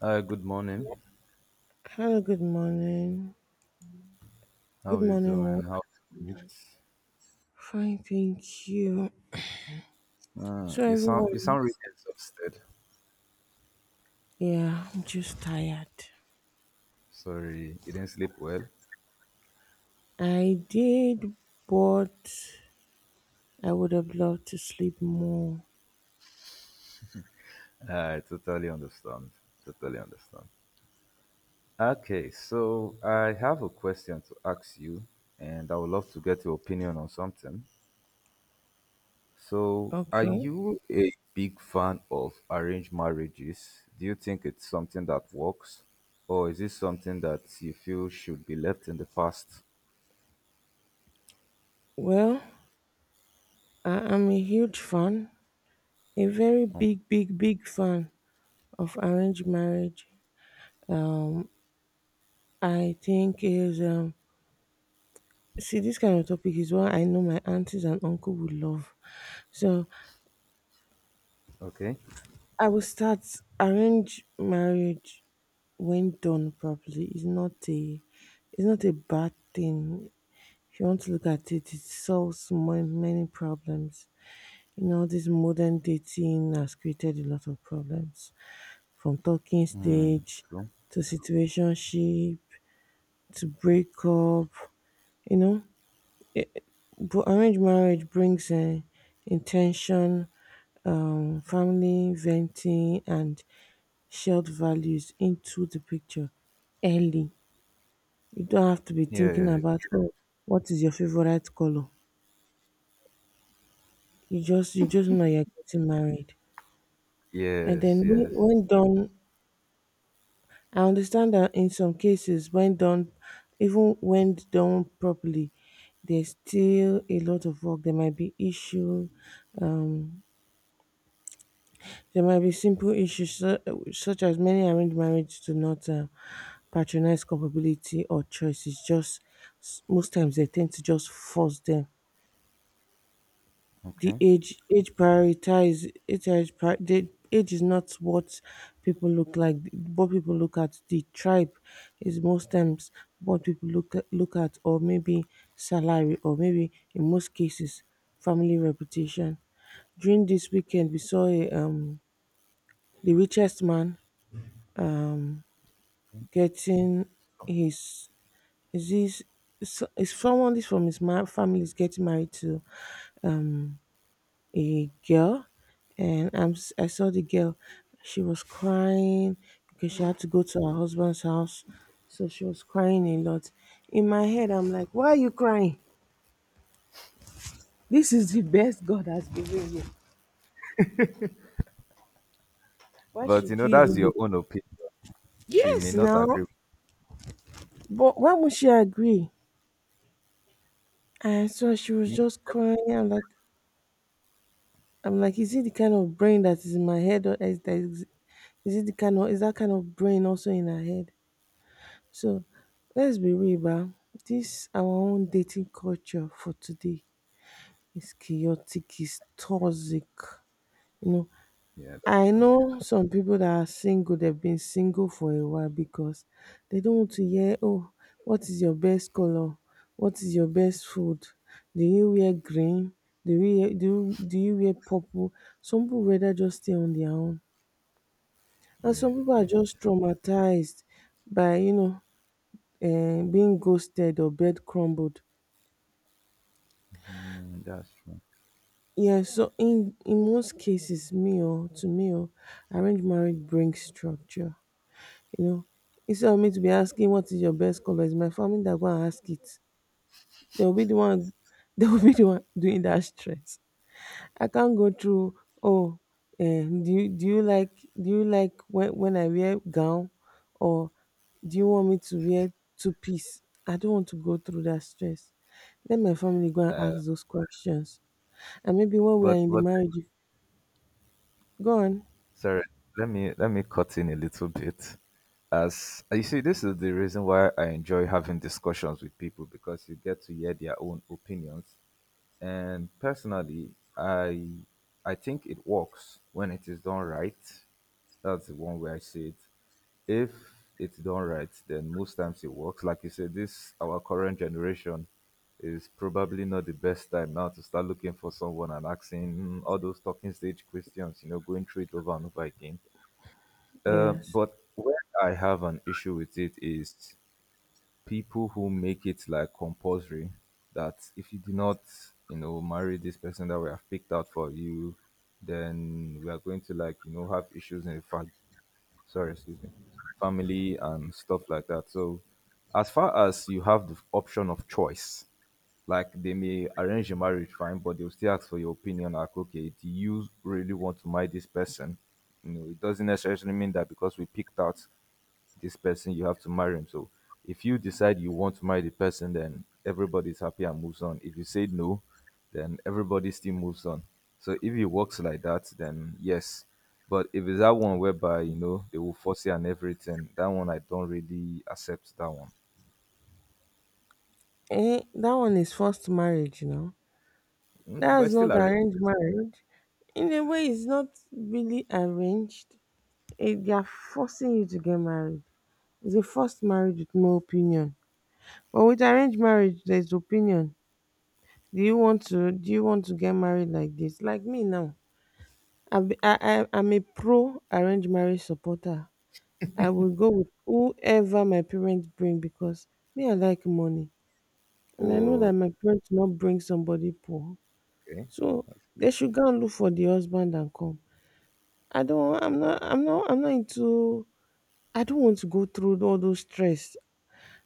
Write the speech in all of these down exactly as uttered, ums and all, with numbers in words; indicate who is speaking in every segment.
Speaker 1: Uh, good morning.
Speaker 2: Hello, good morning.
Speaker 1: How
Speaker 2: Good
Speaker 1: are you
Speaker 2: morning, all.
Speaker 1: doing? How?
Speaker 2: Fine, thank you.
Speaker 1: Uh,
Speaker 2: So,
Speaker 1: you sound you
Speaker 2: everyone,
Speaker 1: sound really exhausted.
Speaker 2: yeah, I'm just tired.
Speaker 1: Sorry, you didn't sleep well.
Speaker 2: I did, but I would have loved to sleep more.
Speaker 1: I totally understand. Totally understand. Okay, so I have a question to ask you, and I would love to get your opinion on something. So, are
Speaker 2: Okay.
Speaker 1: you a big fan of arranged marriages? Do you think it's something that works, or is it something that you feel should be left in the past?
Speaker 2: Well, I am a huge fan, a very
Speaker 1: Hmm.
Speaker 2: big, big, big fan of arranged marriage. Um, I think is um, see this kind of topic is what I know my aunties and uncle would love. So
Speaker 1: Okay.
Speaker 2: I will start arrange marriage when done properly is not a it's not a bad thing. If you want to look at it, it solves mo- many problems. You know, this modern dating has created a lot of problems from talking
Speaker 1: Hmm,
Speaker 2: stage
Speaker 1: cool.
Speaker 2: to situationship to breakup. You know, but arranged marriage brings uh, intention, um, family, venting, and shared values into the picture early. You don't have to be
Speaker 1: Yeah,
Speaker 2: thinking
Speaker 1: yeah.
Speaker 2: about, oh, what is your favorite color. You just you just know you're getting married. And
Speaker 1: Yes,
Speaker 2: then when,
Speaker 1: yes.
Speaker 2: when done, I understand that in some cases, when done, even when done properly, there's still a lot of work. There might be issue, um, there might be simple issues su- such as many arranged marriages do not um, patronize compatibility or choice. It's just s- most times they tend to just force them. The
Speaker 1: Okay.
Speaker 2: age age prioritize age age pri- the age is not what people look like. What people look at, the tribe is most times what people look at, look at, or maybe salary, or maybe in most cases family reputation. During this weekend we saw a um the richest man getting his is this is is someone this from his ma- family is getting married to a girl, and I'm, s- I saw the girl. She was crying because she had to go to her husband's house, so she was crying a lot. In my head I'm like, why are you crying? This is the best god has given you. Why
Speaker 1: But you
Speaker 2: should
Speaker 1: know,
Speaker 2: you
Speaker 1: that's
Speaker 2: even
Speaker 1: your
Speaker 2: be?
Speaker 1: own opinion. She may
Speaker 2: Yes,
Speaker 1: not
Speaker 2: now,
Speaker 1: agree with
Speaker 2: but why would she agree? And so she was
Speaker 1: me.
Speaker 2: just crying. I'm like, I'm like, is it the kind of brain that is in my head, or is that is, is it the kind of is that kind of brain also in her head? So, let's be real, ba. This our own dating culture for today is chaotic, is toxic. You know,
Speaker 1: Yeah, that's
Speaker 2: I
Speaker 1: true.
Speaker 2: know some people that are single, they've been single for a while because they don't want to hear, oh, what is your best color? What is your best food? Do you wear green? Do you wear, do, do you wear purple? Some people rather just stay on their own. And
Speaker 1: Yeah,
Speaker 2: some people are
Speaker 1: yeah.
Speaker 2: just traumatized by, you know, eh, being ghosted or bed crumbled.
Speaker 1: Mm, that's true.
Speaker 2: Yeah, so in, in most cases, me or to me or arranged marriage brings structure. You know, instead of me to be asking what is your best color, it's my family that go and ask it. They will be the one, they will be the one doing that stress. I can't go through. Oh, eh, do you do you like do you like when when I wear gown, or do you want me to wear two piece? I don't want to go through that stress. Let my family go and
Speaker 1: Uh,
Speaker 2: ask those questions, and maybe when we are
Speaker 1: but
Speaker 2: in the
Speaker 1: but
Speaker 2: marriage, go on.
Speaker 1: sorry, let me let me cut in a little bit. As uh, you see, this is the reason why I enjoy having discussions with people because you get to hear their own opinions. And personally, I I think it works when it is done right. That's the one way I see it. If it's done right, then most times it works. Like you said, this our current generation is probably not the best time now to start looking for someone and asking mm, all those talking stage questions. You know, going through it over and over again. Uh,
Speaker 2: Yes,
Speaker 1: but where I have an issue with it is people who make it like compulsory that if you do not, you know, marry this person that we have picked out for you, then we are going to, like, you know, have issues in the fa- sorry, excuse me, family and stuff like that. So as far as you have the option of choice, like they may arrange a marriage fine, but they'll still ask for your opinion. Like, okay, do you really want to marry this person? You know, it doesn't necessarily mean that because we picked out this person, you have to marry him. So if you decide you want to marry the person, then everybody's happy and moves on. If you say no, then everybody still moves on. So if it works like that, then yes. But if it's that one whereby, you know, they will force you and everything, that one I don't really accept that one.
Speaker 2: eh, that one is first marriage, you know.
Speaker 1: Mm,
Speaker 2: That's
Speaker 1: but
Speaker 2: not
Speaker 1: still I re-
Speaker 2: arranged marriage. In a way, it's not really arranged. It, they are forcing you to get married. It's a forced marriage with no opinion. But with arranged marriage, there's opinion. Do you want to? Do you want to get married like this? Like me now, I'm, I, I, I'm a pro arranged marriage supporter. I will go with whoever my parents bring because me, I like money, and I know
Speaker 1: Oh,
Speaker 2: that my parents will not bring somebody poor.
Speaker 1: okay.
Speaker 2: So they should go and look for the husband and come. I don't I'm not I'm not I'm not into I don't want to go through all those stress.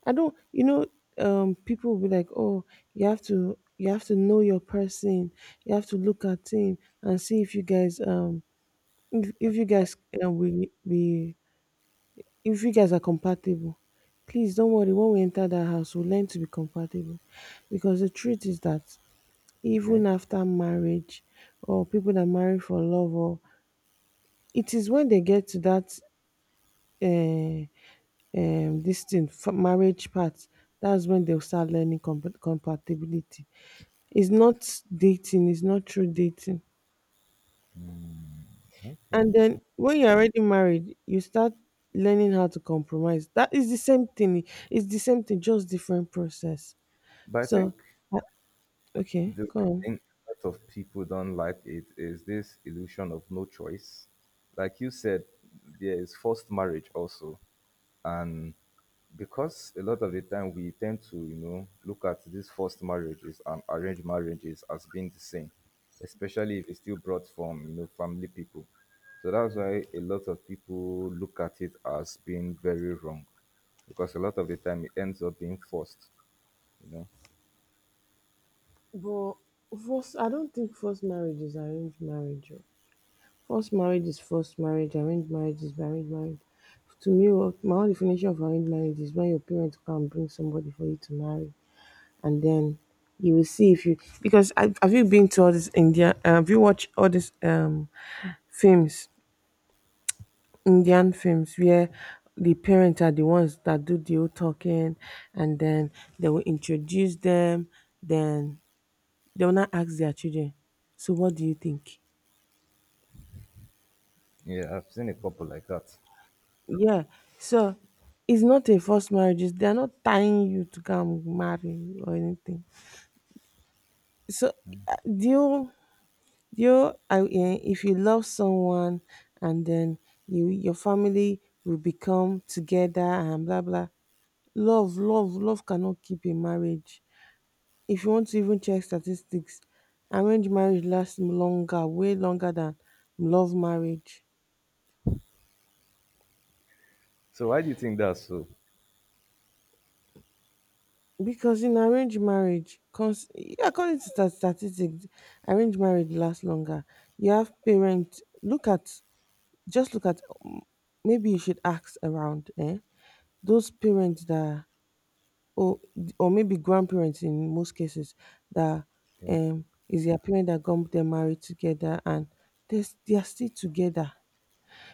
Speaker 2: I don't, you know, um, people will be like, oh, you have to you have to know your person, you have to look at him and see if you guys um if, if you guys um, will be if you guys are compatible. Please don't worry, when we enter that house we'll learn to be compatible. Because the truth is that even
Speaker 1: Okay.
Speaker 2: after marriage or people that marry for love, or it is when they get to that uh um this thing for marriage part, that's when they'll start learning compa- compatibility. It's not dating, it's not true dating. And
Speaker 1: Okay.
Speaker 2: then when you're already married you start learning how to compromise. That is the same thing, it's the same thing, just different process.
Speaker 1: But I
Speaker 2: So,
Speaker 1: think
Speaker 2: uh, okay,
Speaker 1: the
Speaker 2: go
Speaker 1: real
Speaker 2: on.
Speaker 1: thing a lot of people don't like it is this illusion of no choice. Like you said, there is forced marriage also. And because a lot of the time we tend to, you know, look at these forced marriages and arranged marriages as being the same, especially if it's still brought from, you know, family people. So that's why a lot of people look at it as being very wrong because a lot of the time it ends up being forced, you know.
Speaker 2: But first, I don't think first marriage is arranged marriage. Forced marriage is forced marriage, arranged marriage is arranged marriage. To me, what- my own definition of arranged marriage is when your parents come and bring somebody for you to marry, and then you will see if you because have have you been to all this India? Uh, have you watched all these um films, Indian films, where the parents are the ones that do the whole talking, and then they will introduce them, then they will not ask their children. So, what do you think?
Speaker 1: Yeah, I've seen a couple like that.
Speaker 2: Yeah. So it's not a forced marriage. it's- They're not tying you to come marry or anything. So, uh, do you do you I, eh, if you love someone and then you, your family will become together and blah blah. Love, love, love cannot keep a marriage. If you want to even check statistics, arranged marriage lasts longer, way longer than love marriage.
Speaker 1: So why do you think that's so?
Speaker 2: Because in arranged marriage, cons- yeah, according to stat- statistics, arranged marriage lasts longer. You have parents, look at, just look at, um, maybe you should ask around, eh? Those parents that, or, or maybe grandparents in most cases, that
Speaker 1: Yeah.
Speaker 2: um, is their parent that got them married together and they're, they're still together.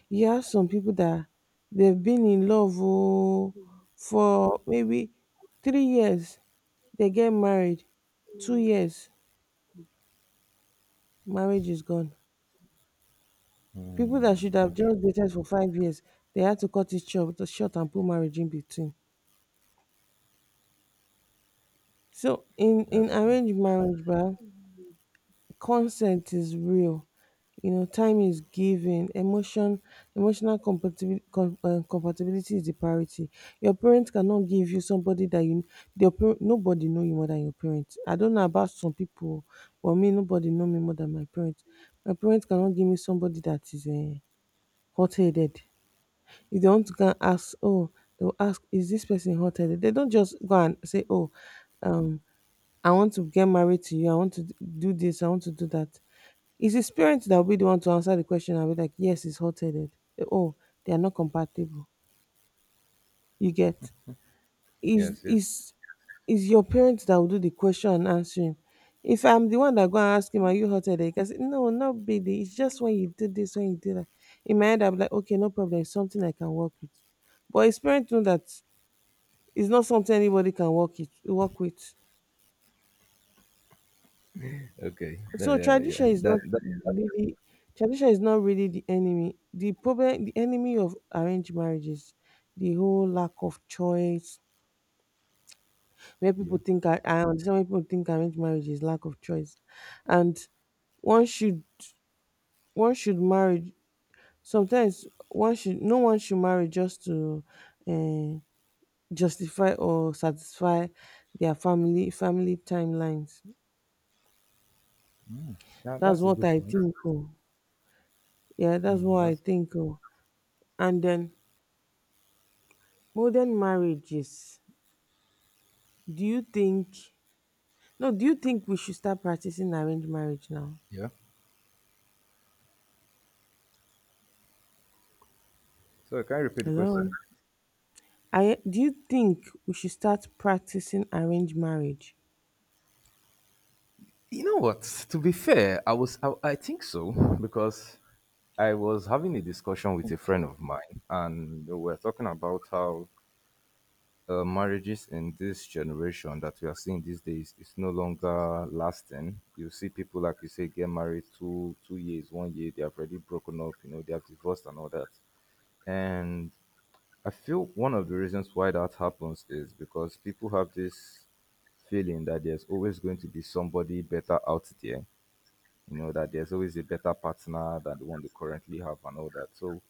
Speaker 2: You have some people that they've been in love, oh, for maybe three years, they get married, two years, marriage is gone. People that should
Speaker 1: Mm,
Speaker 2: have
Speaker 1: that's true.
Speaker 2: just dated for five years, they had to cut it short, short and put marriage in between. So in
Speaker 1: That's
Speaker 2: in
Speaker 1: true.
Speaker 2: arranged marriage, bah, consent is real. You know, time is given. Emotion, emotional compatibility, com, uh, compatibility is the priority. Your parents cannot give you somebody that you your parent, nobody know you more than your parents. I don't know about some people, but me, nobody know me more than my parents. My parents cannot give me somebody that is uh, hot-headed. If they want to go and ask, oh, they'll ask, is this person hot-headed? They don't just go and say, oh, um I want to get married to you. I want to d- do this. I want to do that. It's his parents that will be the one to answer the question and be like, yes, it's hot headed. Oh, they are not compatible. You get? is
Speaker 1: Yes, yes.
Speaker 2: is is your parents that will do the question and answering. If I'm the one that go and ask him, are you hot headed? He can say, no, not baby. It's just when you did this, when you did that. In my head, I'll be like, okay, no problem, it's something I can work with. But his parents know that it's not something anybody can work it work with.
Speaker 1: Okay. Tha-
Speaker 2: So
Speaker 1: yeah, yeah.
Speaker 2: tradition is not
Speaker 1: That that
Speaker 2: really tradition is not really the enemy. The problem, the enemy of arranged marriages, the whole lack of choice. Where people
Speaker 1: Yeah.
Speaker 2: think, I, I understand why people think arranged marriage is lack of choice, and one should one should marry. Sometimes one should no one should marry just to uh, justify or satisfy their family family timelines.
Speaker 1: Yeah,
Speaker 2: That's
Speaker 1: that's a
Speaker 2: what
Speaker 1: good
Speaker 2: I
Speaker 1: point.
Speaker 2: think. Oh, yeah, that's
Speaker 1: Mm,
Speaker 2: what I
Speaker 1: that's
Speaker 2: think. Oh, and then modern marriages. Do you think, no, do you think we should start practicing arranged marriage now?
Speaker 1: yeah. So can you repeat the
Speaker 2: Hello?
Speaker 1: question?
Speaker 2: I Do you think we should start practicing arranged marriage?
Speaker 1: You know what? To be fair, I was I, I think so because I was having a discussion with a friend of mine and we were talking about how uh, marriages in this generation that we are seeing these days is no longer lasting. You see people like you say get married two two years, one year they have already broken up. You know they have divorced and all that. And I feel one of the reasons why that happens is because people have this feeling that there's always going to be somebody better out there, you know, that there's always a better partner than the one they currently have and all that. So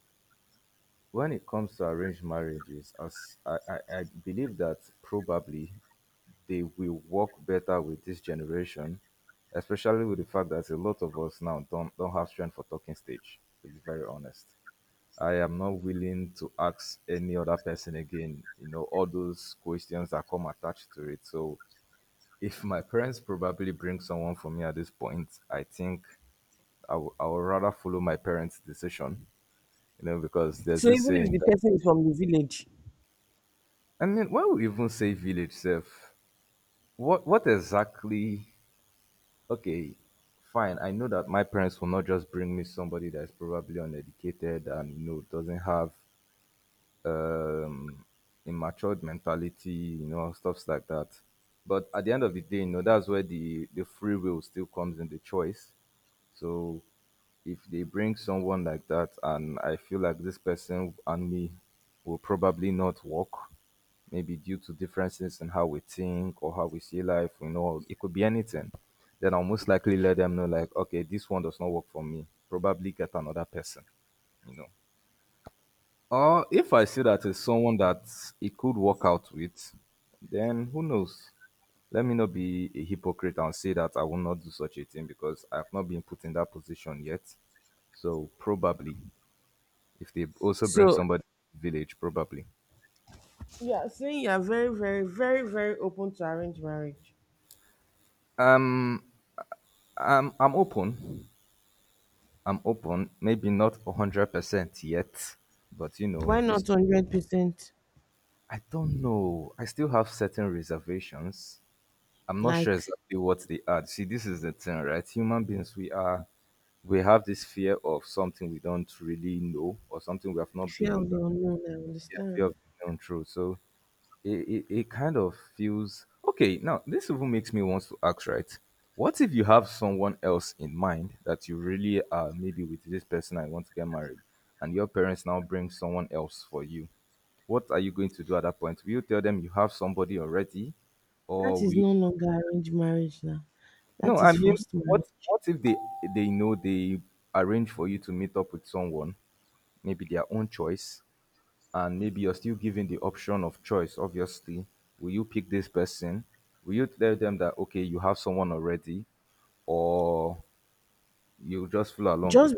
Speaker 1: when it comes to arranged marriages, as I, I, I believe that probably they will work better with this generation, especially with the fact that a lot of us now don't don't have strength for talking stage, to be very honest. I am not willing to ask any other person again, you know, all those questions that come attached to it. So if my parents probably bring someone for me at this point, I think I wou- I would rather follow my parents' decision, you know, because there's
Speaker 2: So
Speaker 1: this
Speaker 2: even if
Speaker 1: saying
Speaker 2: the
Speaker 1: that,
Speaker 2: person is from the village.
Speaker 1: I mean, why we even say village self? What, what exactly— Okay, fine. I know that my parents will not just bring me somebody that is probably uneducated and you know doesn't have um, immatured mentality, you know, stuffs like that. But at the end of the day, you know, that's where the, the free will still comes in the choice. So if they bring someone like that and I feel like this person and me will probably not work, maybe due to differences in how we think or how we see life, you know, it could be anything, then I'll most likely let them know like, okay, this one does not work for me. Probably get another person, you know. Or if I see that it's someone that it could work out with, then who knows? Let me not be a hypocrite and say that I will not do such a thing because I have not been put in that position yet. So probably, if they also bring
Speaker 2: So
Speaker 1: somebody to the village, probably.
Speaker 2: yeah, saying you are very, very, very, very open to arranged marriage.
Speaker 1: Um, I'm I'm open. I'm open. Maybe not hundred percent yet, but you
Speaker 2: Why
Speaker 1: know,
Speaker 2: not
Speaker 1: it's.
Speaker 2: hundred percent?
Speaker 1: I don't know. I still have certain reservations. I'm not sure
Speaker 2: Like
Speaker 1: exactly what they add. See, this is the thing, right? Human beings, we are, we have this fear of something we don't really know or something we have not
Speaker 2: fear of
Speaker 1: been,
Speaker 2: the unknown, I
Speaker 1: yeah, fear
Speaker 2: understand.
Speaker 1: of being known through. So it, it, it kind of feels okay. Now, this even makes me want to ask, right? What if you have someone else in mind that you really are maybe with this person I want to get married, and your parents now bring someone else for you? What are you going to do at that point? Will you tell them you have somebody already,
Speaker 2: That
Speaker 1: or will
Speaker 2: is
Speaker 1: you—
Speaker 2: no longer arranged marriage now.
Speaker 1: No,
Speaker 2: That
Speaker 1: I
Speaker 2: is
Speaker 1: mean,
Speaker 2: forced
Speaker 1: what
Speaker 2: marriage.
Speaker 1: what if they they know they arrange for you to meet up with someone, maybe their own choice, and maybe you're still given the option of choice. Obviously, will you pick this person? Will you tell them that okay, you have someone already, or you just follow along with
Speaker 2: Just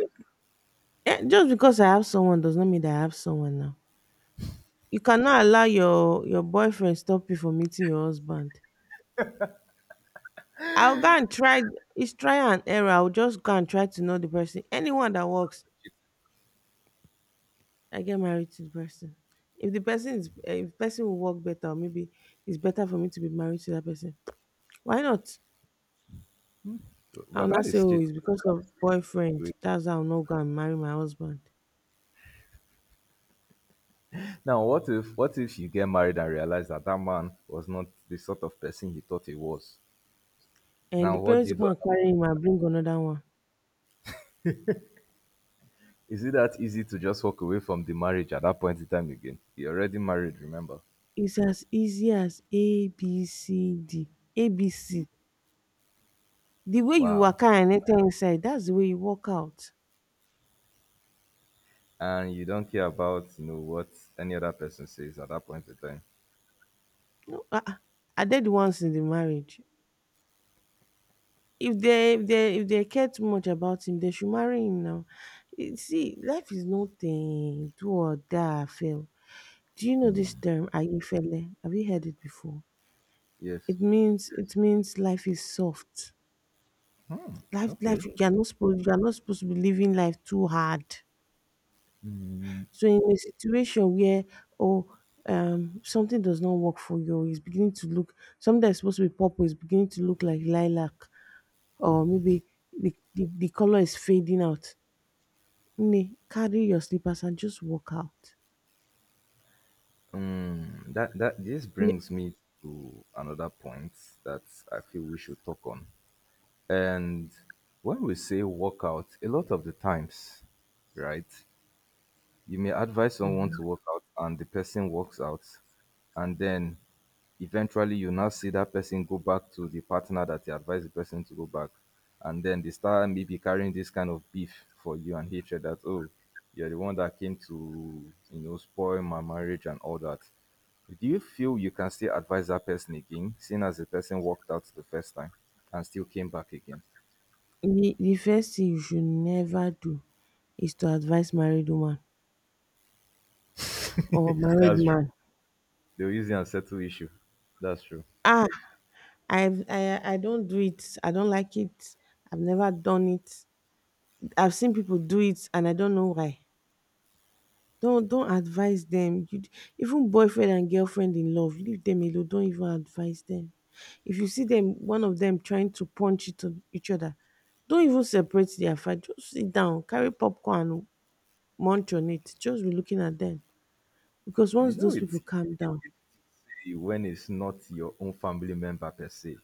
Speaker 2: Eh, just because I have someone does not mean that I have someone now. You cannot allow your your boyfriend stop you from meeting your husband. I'll go and try. It's try and error. I'll just go and try to know the person. Anyone that works, I get married to the person. If the person is, eh, if the person will work better, or maybe it's better for me to be married to that person. Why not?
Speaker 1: them?
Speaker 2: I'll
Speaker 1: But
Speaker 2: not
Speaker 1: that
Speaker 2: say,
Speaker 1: is
Speaker 2: oh,
Speaker 1: shit.
Speaker 2: it's because of boyfriend. That's how I'll not go and marry my husband.
Speaker 1: Now, what if what if you get married and realize that that man was not the sort of person you thought he was?
Speaker 2: And the
Speaker 1: Now, what do
Speaker 2: parents
Speaker 1: you
Speaker 2: will come
Speaker 1: do?
Speaker 2: and carry him and bring another one.
Speaker 1: Is it that easy to just walk away from the marriage at that point in time again? You're already married, remember?
Speaker 2: It's as easy as A B C D A B C. The way you
Speaker 1: Wow.
Speaker 2: waka and enter inside, that's the way you walk out.
Speaker 1: And you don't care about, you know, what any other person says at that point in time.
Speaker 2: No, uh, are they the ones in the marriage? If they if they if they care too much about him, they should marry him now. You see, life is nothing. Do or die, fail. Do you know this
Speaker 1: Hmm.
Speaker 2: term, Ayefele? Have you heard it before?
Speaker 1: Yes.
Speaker 2: It means it means life is soft. Life life
Speaker 1: Okay.
Speaker 2: you are not supposed you are not supposed to be living life too hard.
Speaker 1: Mm,
Speaker 2: So in a situation where oh um something does not work for you, or it's beginning to look, something that's supposed to be purple is beginning to look like lilac, or maybe the, the, the color is fading out. Nne, carry your slippers and just walk out.
Speaker 1: mm, that that this
Speaker 2: The,
Speaker 1: brings me to another point that I feel we should talk on. And when we say walkout, a lot of the times, right? You may advise someone
Speaker 2: Mhm.
Speaker 1: to work out and the person works out. And then eventually you now see that person go back to the partner that you advised the person to go back. And then they start maybe carrying this kind of beef for you and hatred that, oh, you're the one that came to, you know, spoil my marriage and all that. Do you feel you can still advise that person again, seeing as the person walked out the first time and still came back again?
Speaker 2: the, the first thing you should never do is to advise married woman or married
Speaker 1: That's true.
Speaker 2: man.
Speaker 1: They'll use it and settle issue. That's true.
Speaker 2: Ah, I've, I I don't do it. I don't like it. I've never done it. I've seen people do it, and I don't know why. Don't don't advise them. You d- even boyfriend and girlfriend in love, leave them alone. Don't even advise them. If you see them, one of them trying to punch each oth- each other, don't even separate their fight. Just sit down, carry popcorn, and munch on it. Just be looking at them because once
Speaker 1: You know
Speaker 2: those
Speaker 1: it.
Speaker 2: people calm down,
Speaker 1: You, when it's not your own family member per se,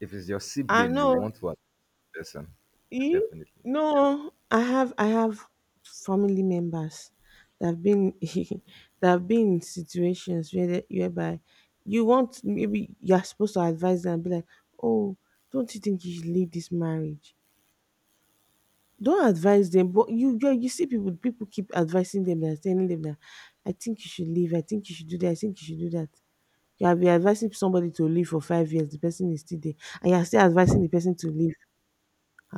Speaker 1: if it's your
Speaker 2: I
Speaker 1: sibling, you
Speaker 2: know.
Speaker 1: want to advise the person,
Speaker 2: You
Speaker 1: definitely.
Speaker 2: no, I have I have family members that have been that have been in situations where they, whereby you want, maybe you're supposed to advise them and be like, oh, don't you think you should leave this marriage? Don't advise them, but you you, you see people people keep advising them, that telling them that I think you should leave, I think you should do that, I think you should do that. You have been advising somebody to leave for five years, the person is still there, and you're still advising the person to leave.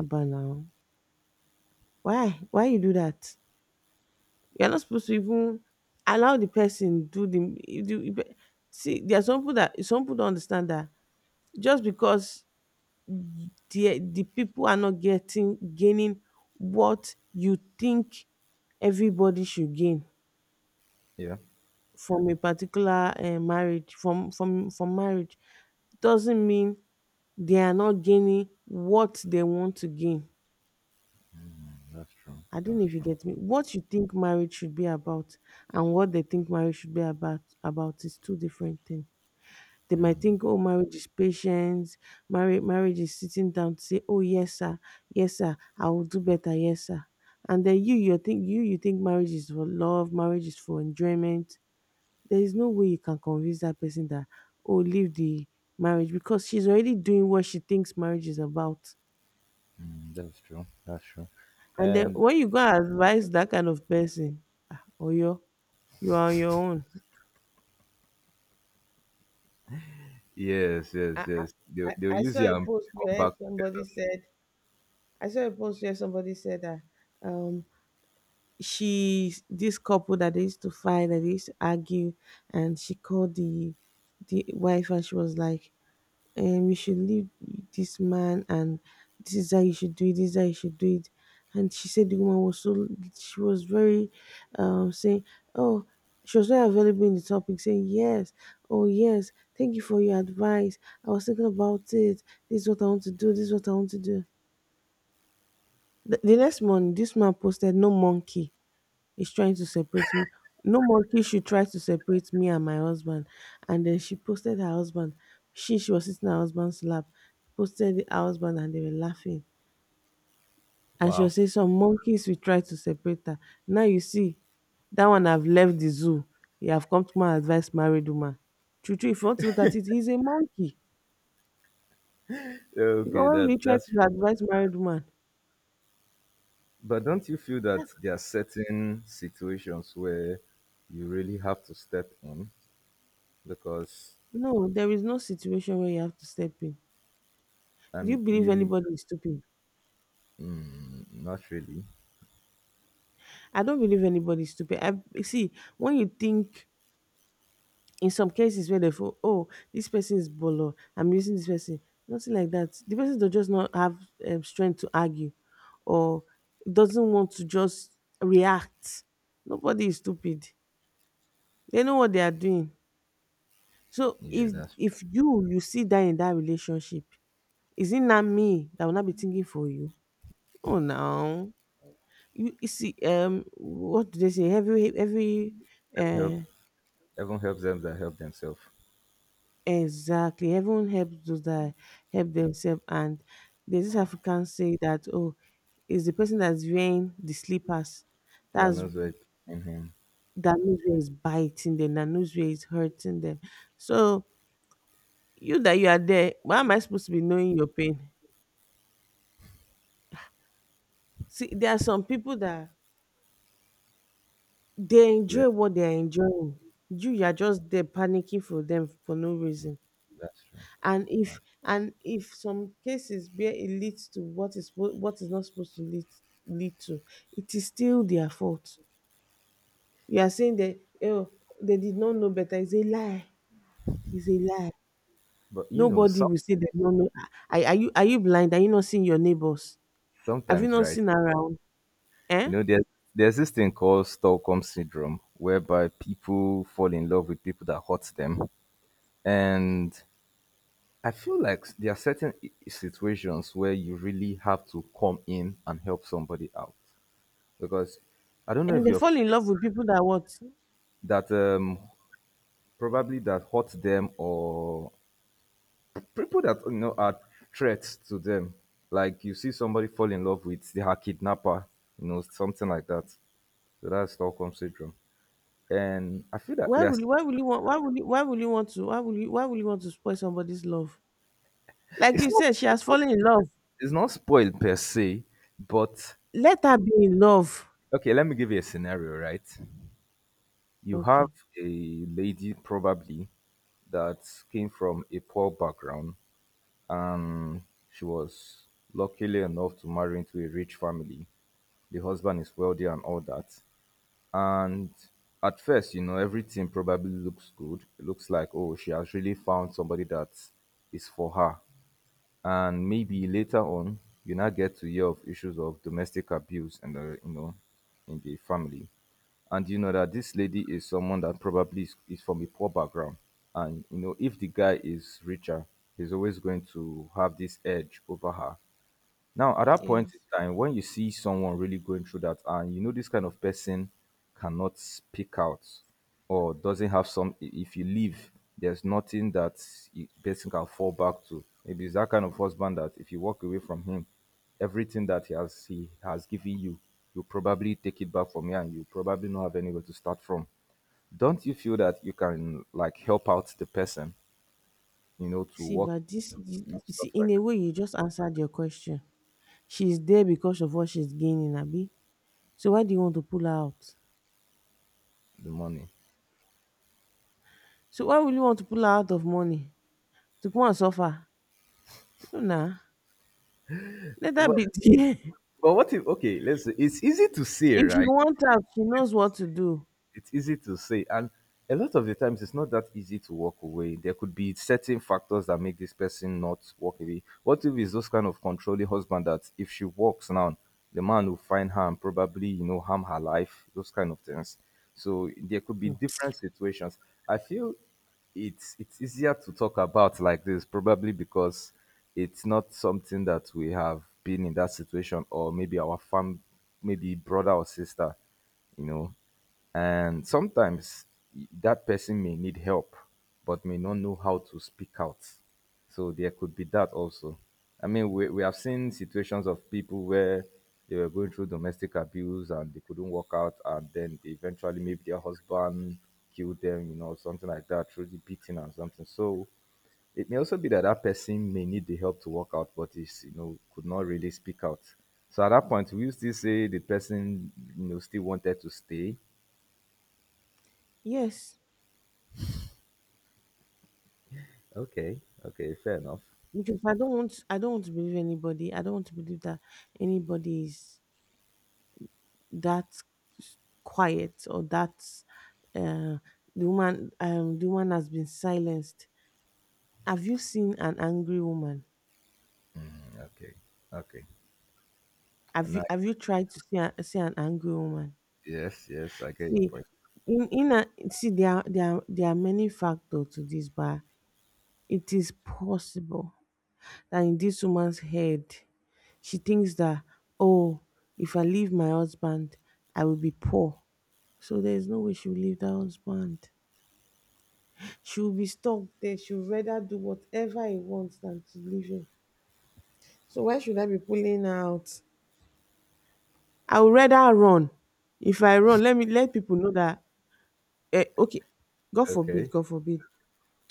Speaker 2: Abba now. Why? Why you do that? You're not supposed to even allow the person do the if do- you see. There are some people, that some people don't understand that just because the the people are not getting gaining what you think everybody should gain
Speaker 1: Yeah,
Speaker 2: from a particular uh, marriage, from from from marriage, doesn't mean they are not gaining what they want to gain.
Speaker 1: that's true.
Speaker 2: I don't know
Speaker 1: That's
Speaker 2: if you
Speaker 1: true.
Speaker 2: get me. What you think marriage should be about and what they think marriage should be about about is two different things. They might
Speaker 1: Mm,
Speaker 2: think, oh, marriage is patience. Marriage, marriage is sitting down to say, oh, yes, sir. Yes, sir. I will do better. Yes, sir. And then you, you think you, you think marriage is for love. Marriage is for enjoyment. There is no way you can convince that person that, oh, leave the marriage because she's already doing what she thinks marriage is about.
Speaker 1: that's true. That's true.
Speaker 2: And then
Speaker 1: And
Speaker 2: when you go and advise that kind of person, ah, Oyo, you are on your own.
Speaker 1: yes,
Speaker 2: I,
Speaker 1: yes, yes. They'll,
Speaker 2: I,
Speaker 1: they'll
Speaker 2: I
Speaker 1: use it
Speaker 2: saw a
Speaker 1: and
Speaker 2: post
Speaker 1: come
Speaker 2: where
Speaker 1: back
Speaker 2: somebody
Speaker 1: together.
Speaker 2: said, I saw a post where somebody said that Um. she, this couple that they used to fight, that they used to argue, and she called the the wife and she was like, um you should leave this man, and this is how you should do it, this is how you should do it. And she said the woman was so, she was very, um saying, oh, she was very available in the topic, saying yes, oh yes, thank you for your advice, I was thinking about it, this is what I want to do, this is what I want to do. The, the next morning this man posted, no monkey is trying to separate me. No monkey should try to separate me and my husband. And then she posted her husband. She she was sitting in her husband's lap, posted her husband, and they were laughing. And she was
Speaker 1: Wow.
Speaker 2: saying some monkeys will try to separate her. Now you see, that one have left the zoo. You have come to my advice, married woman. True, true, if you want to look at it, he's a monkey. Because
Speaker 1: Okay,
Speaker 2: why will you
Speaker 1: that
Speaker 2: try
Speaker 1: that's.
Speaker 2: to advise married woman?
Speaker 1: But don't you feel that there are certain situations where you really have to step in because
Speaker 2: No, there is no situation where you have to step in. Do you
Speaker 1: um
Speaker 2: believe
Speaker 1: you—
Speaker 2: anybody is stupid?
Speaker 1: Not really.
Speaker 2: I don't believe anybody's stupid. I, you see, when you think, in some cases where they feel, oh, this person is bolo, I'm using this person, nothing like that. The person does just not have um, strength to argue, or doesn't want to just react. Nobody is stupid. They know what they are doing. So
Speaker 1: Yeah,
Speaker 2: if
Speaker 1: that's—
Speaker 2: if you you see that, in that relationship, is it not me that will not be thinking for you? Oh no. You, you see, um, what do they say? Every every
Speaker 1: Help.
Speaker 2: uh
Speaker 1: Heaven helps them that help themselves.
Speaker 2: Exactly. Everyone helps those that help themselves. And there's this African say that, oh, it's the person that's wearing the slippers,
Speaker 1: That
Speaker 2: that's
Speaker 1: knows where it in him.
Speaker 2: that knows where it's biting them, that knows where it's hurting them. So you that you are there, why am I supposed to be knowing your pain? See, there are some people that they
Speaker 1: Yeah,
Speaker 2: enjoy what they are enjoying. You you are just there panicking for them for no reason.
Speaker 1: that's true.
Speaker 2: And if,
Speaker 1: That's-
Speaker 2: and if some cases where it leads to what is spo- what is not supposed to lead, lead to, it is still their fault. You are saying that, oh, they did not know better, is a lie, is a lie.
Speaker 1: But you know,
Speaker 2: Nobody
Speaker 1: some
Speaker 2: will say they don't know. Are, are you, are you blind, are you not seeing your neighbors, have you
Speaker 1: sometimes,
Speaker 2: not
Speaker 1: right?
Speaker 2: seen around, eh?
Speaker 1: You know, there's there's this thing called Stockholm syndrome, whereby people fall in love with people that hurt them, and I feel like there are certain i- situations where you really have to come in and help somebody out because I don't know
Speaker 2: And
Speaker 1: if
Speaker 2: they
Speaker 1: you've
Speaker 2: fall in
Speaker 1: seen
Speaker 2: love with people that, what?
Speaker 1: that um, probably that hurt them or people that you know are threats to them. Like you see somebody fall in love with their kidnapper, you know, something like that. So that's Stockholm syndrome. And I feel that
Speaker 2: Why will
Speaker 1: there's
Speaker 2: you why will you want why will you why will you want to why will you why will you want to spoil somebody's love? Like
Speaker 1: it's
Speaker 2: you
Speaker 1: not
Speaker 2: said, she has fallen in love,
Speaker 1: it's not spoiled per se, but
Speaker 2: let her be in love.
Speaker 1: okay, let me give you a scenario, right? You have
Speaker 2: Okay.
Speaker 1: a lady probably that came from a poor background and she was luckily enough to marry into a rich family. The husband is wealthy and all that. And at first, you know, everything probably looks good. It looks like, oh, she has really found somebody that is for her. And maybe later on, you now get to hear of issues of domestic abuse and, the, you know, in the family. And you know that this lady is someone that probably is, is from a poor background. And, you know, if the guy is richer, he's always going to have this edge over her now, at that point
Speaker 2: Yes.
Speaker 1: in time, when you see someone really going through that, and you know this kind of person cannot speak out or doesn't have some, i- if you leave, there's nothing that the person can fall back to. Maybe it's that kind of husband that if you walk away from him, everything that he has he has given you, you probably take it back from here, and you probably not have anywhere to start from. Don't you feel that you can like help out the person, you know, to
Speaker 2: See,
Speaker 1: work
Speaker 2: but this, you
Speaker 1: and
Speaker 2: see,
Speaker 1: stuff
Speaker 2: in
Speaker 1: like
Speaker 2: a way, you just answered your question. She's there because of what she's gaining, Abby. So why do you want to pull her out?
Speaker 1: that, the money?
Speaker 2: So why will you want to pull her out of money to come and suffer? No, nah. Let that
Speaker 1: Well,
Speaker 2: be there.
Speaker 1: but what if, okay, let's say, it's easy to say,
Speaker 2: If you
Speaker 1: right?
Speaker 2: want out, she knows what to do.
Speaker 1: It's easy to say, and a lot of the times it's not that easy to walk away. There could be certain factors that make this person not walk away. What if it's those kind of controlling husband that if she walks now, the man will find her and probably, you know, harm her life, those kind of things. So there could be
Speaker 2: Hmm.
Speaker 1: different situations. I feel it's it's easier to talk about like this probably because it's not something that we have been in that situation, or maybe our fam maybe brother or sister, you know. And sometimes that person may need help, but may not know how to speak out. So there could be that also. I mean, we, we have seen situations of people where they were going through domestic abuse and they couldn't work out, and then eventually maybe their husband killed them, you know, something like that, through the beating and something. So it may also be that that person may need the help to work out, but is, you know, could not really speak out. So at that point, we still say the person, you know, still wanted to stay.
Speaker 2: Yes,
Speaker 1: Okay, okay, fair enough.
Speaker 2: because I don't want, I don't want to believe anybody. I don't want to believe that anybody is that quiet or that uh, the woman, um, the woman has been silenced. Have you seen an angry woman?
Speaker 1: Okay, okay,
Speaker 2: Have
Speaker 1: and
Speaker 2: you
Speaker 1: I,
Speaker 2: have you tried to see a, see an angry woman?
Speaker 1: yes, yes, I get your
Speaker 2: See,
Speaker 1: point.
Speaker 2: in in a, see there are, there are, there are many factors to this, but it is possible that in this woman's head, she thinks that, oh, if I leave my husband, I will be poor. So there is no way she will leave that husband. She will be stuck there. She would rather do whatever he wants than to leave him. So why should I be pulling her out? I would rather run. If I run, let me let people know that, eh, okay, God forbid,
Speaker 1: Okay.
Speaker 2: God forbid,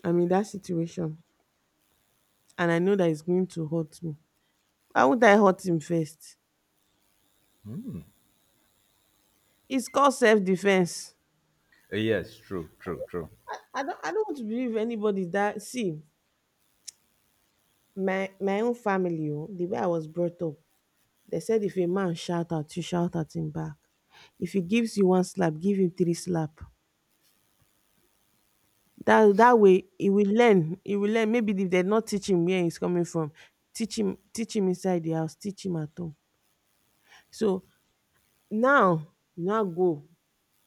Speaker 2: I'm in that situation and I know that it's going to hurt me. Why would I hurt him first? It's called self-defense.
Speaker 1: Uh, yes, true, true, true.
Speaker 2: I, I don't, I don't want to believe anybody that, see, my my own family, oh, the way I was brought up, they said if a man shout at you, shout at him back. If he gives you one slap, give him three slap. That that way he will learn, he will learn. Maybe if they not teach him where he's coming from, teach him, teach him inside the house, teach him at home. So now you now go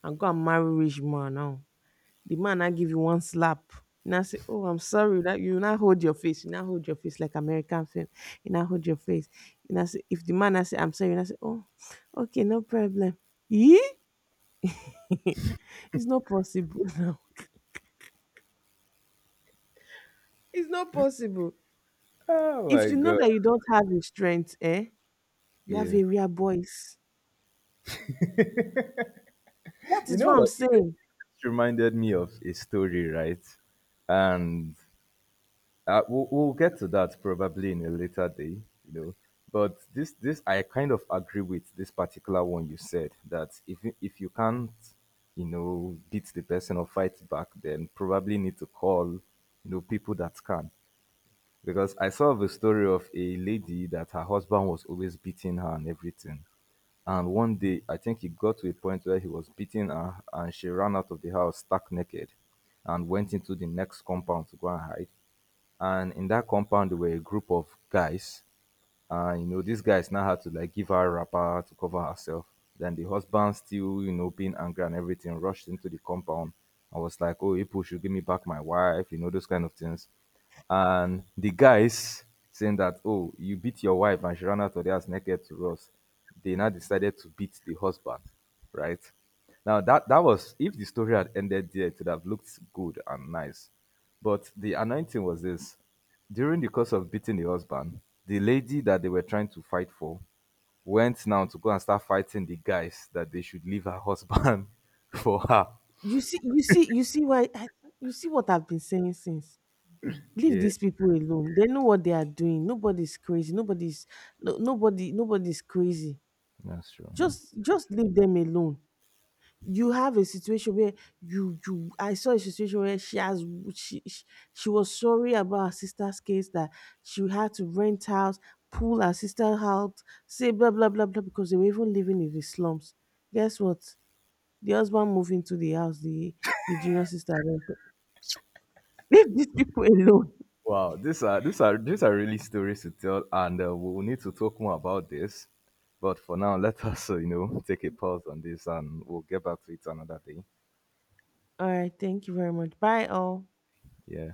Speaker 2: and go and marry rich man now. The man now give you one slap. You now say, oh, I'm sorry. That you now hold your face. You now hold your face like American film. You now hold your face. You now say, if the man now say, I'm sorry, you now say, oh, okay, no problem. Yeah? It's not possible now. It's not possible.
Speaker 1: Oh
Speaker 2: If
Speaker 1: my
Speaker 2: you know
Speaker 1: god,
Speaker 2: that you don't have the strength, eh? You have
Speaker 1: yeah.
Speaker 2: area boys. That
Speaker 1: You
Speaker 2: is
Speaker 1: know
Speaker 2: what I'm
Speaker 1: what? It
Speaker 2: saying.
Speaker 1: just reminded me of a story, right? And uh, we'll, we'll get to that probably in a later day, you know. But this, this, I kind of agree with this particular one you said, that if you- if you can't, you know, beat the person or fight back, then probably need to call, you know, people that can. Because I saw the story of a lady that her husband was always beating her and everything. And one day, I think it got to a point where he was beating her and she ran out of the house stark naked and went into the next compound to go and hide. And in that compound, there were a group of guys, and you know, these guys now had to like give her a wrapper to cover herself. Then the husband, still, you know, being angry and everything, rushed into the compound and was like, oh, people should give me back my wife, you know, those kind of things. And the guys saying that, oh, you beat your wife and she ran out of the house naked to us. They now decided to beat the husband, right? Now, that that was, if the story had ended there, it would have looked good and nice. But the anointing was this: during the course of beating the husband, the lady that they were trying to fight for went now to go and start fighting the guys that they should leave her husband for her.
Speaker 2: You see, you see, you see why I, you see what I've been saying since. Leave
Speaker 1: Yeah,
Speaker 2: these people alone. They know what they are doing. Nobody's crazy. Nobody's, no, nobody nobody's crazy.
Speaker 1: that's true.
Speaker 2: Just just leave them alone. You have a situation where you you I saw a situation where she has she she, she was sorry about her sister's case, that she had to rent house, pull her sister out, say blah blah blah blah, because they were even living in the slums. Guess what? The husband moved into the house. The the junior sister went, leave these people alone.
Speaker 1: Wow, these are these are these are really stories to tell, and uh, we'll need to talk more about this. But for now, let us, uh, you know, take a pause on this, and we'll get back to it another day.
Speaker 2: All right, thank you very much. Bye all.
Speaker 1: Yeah.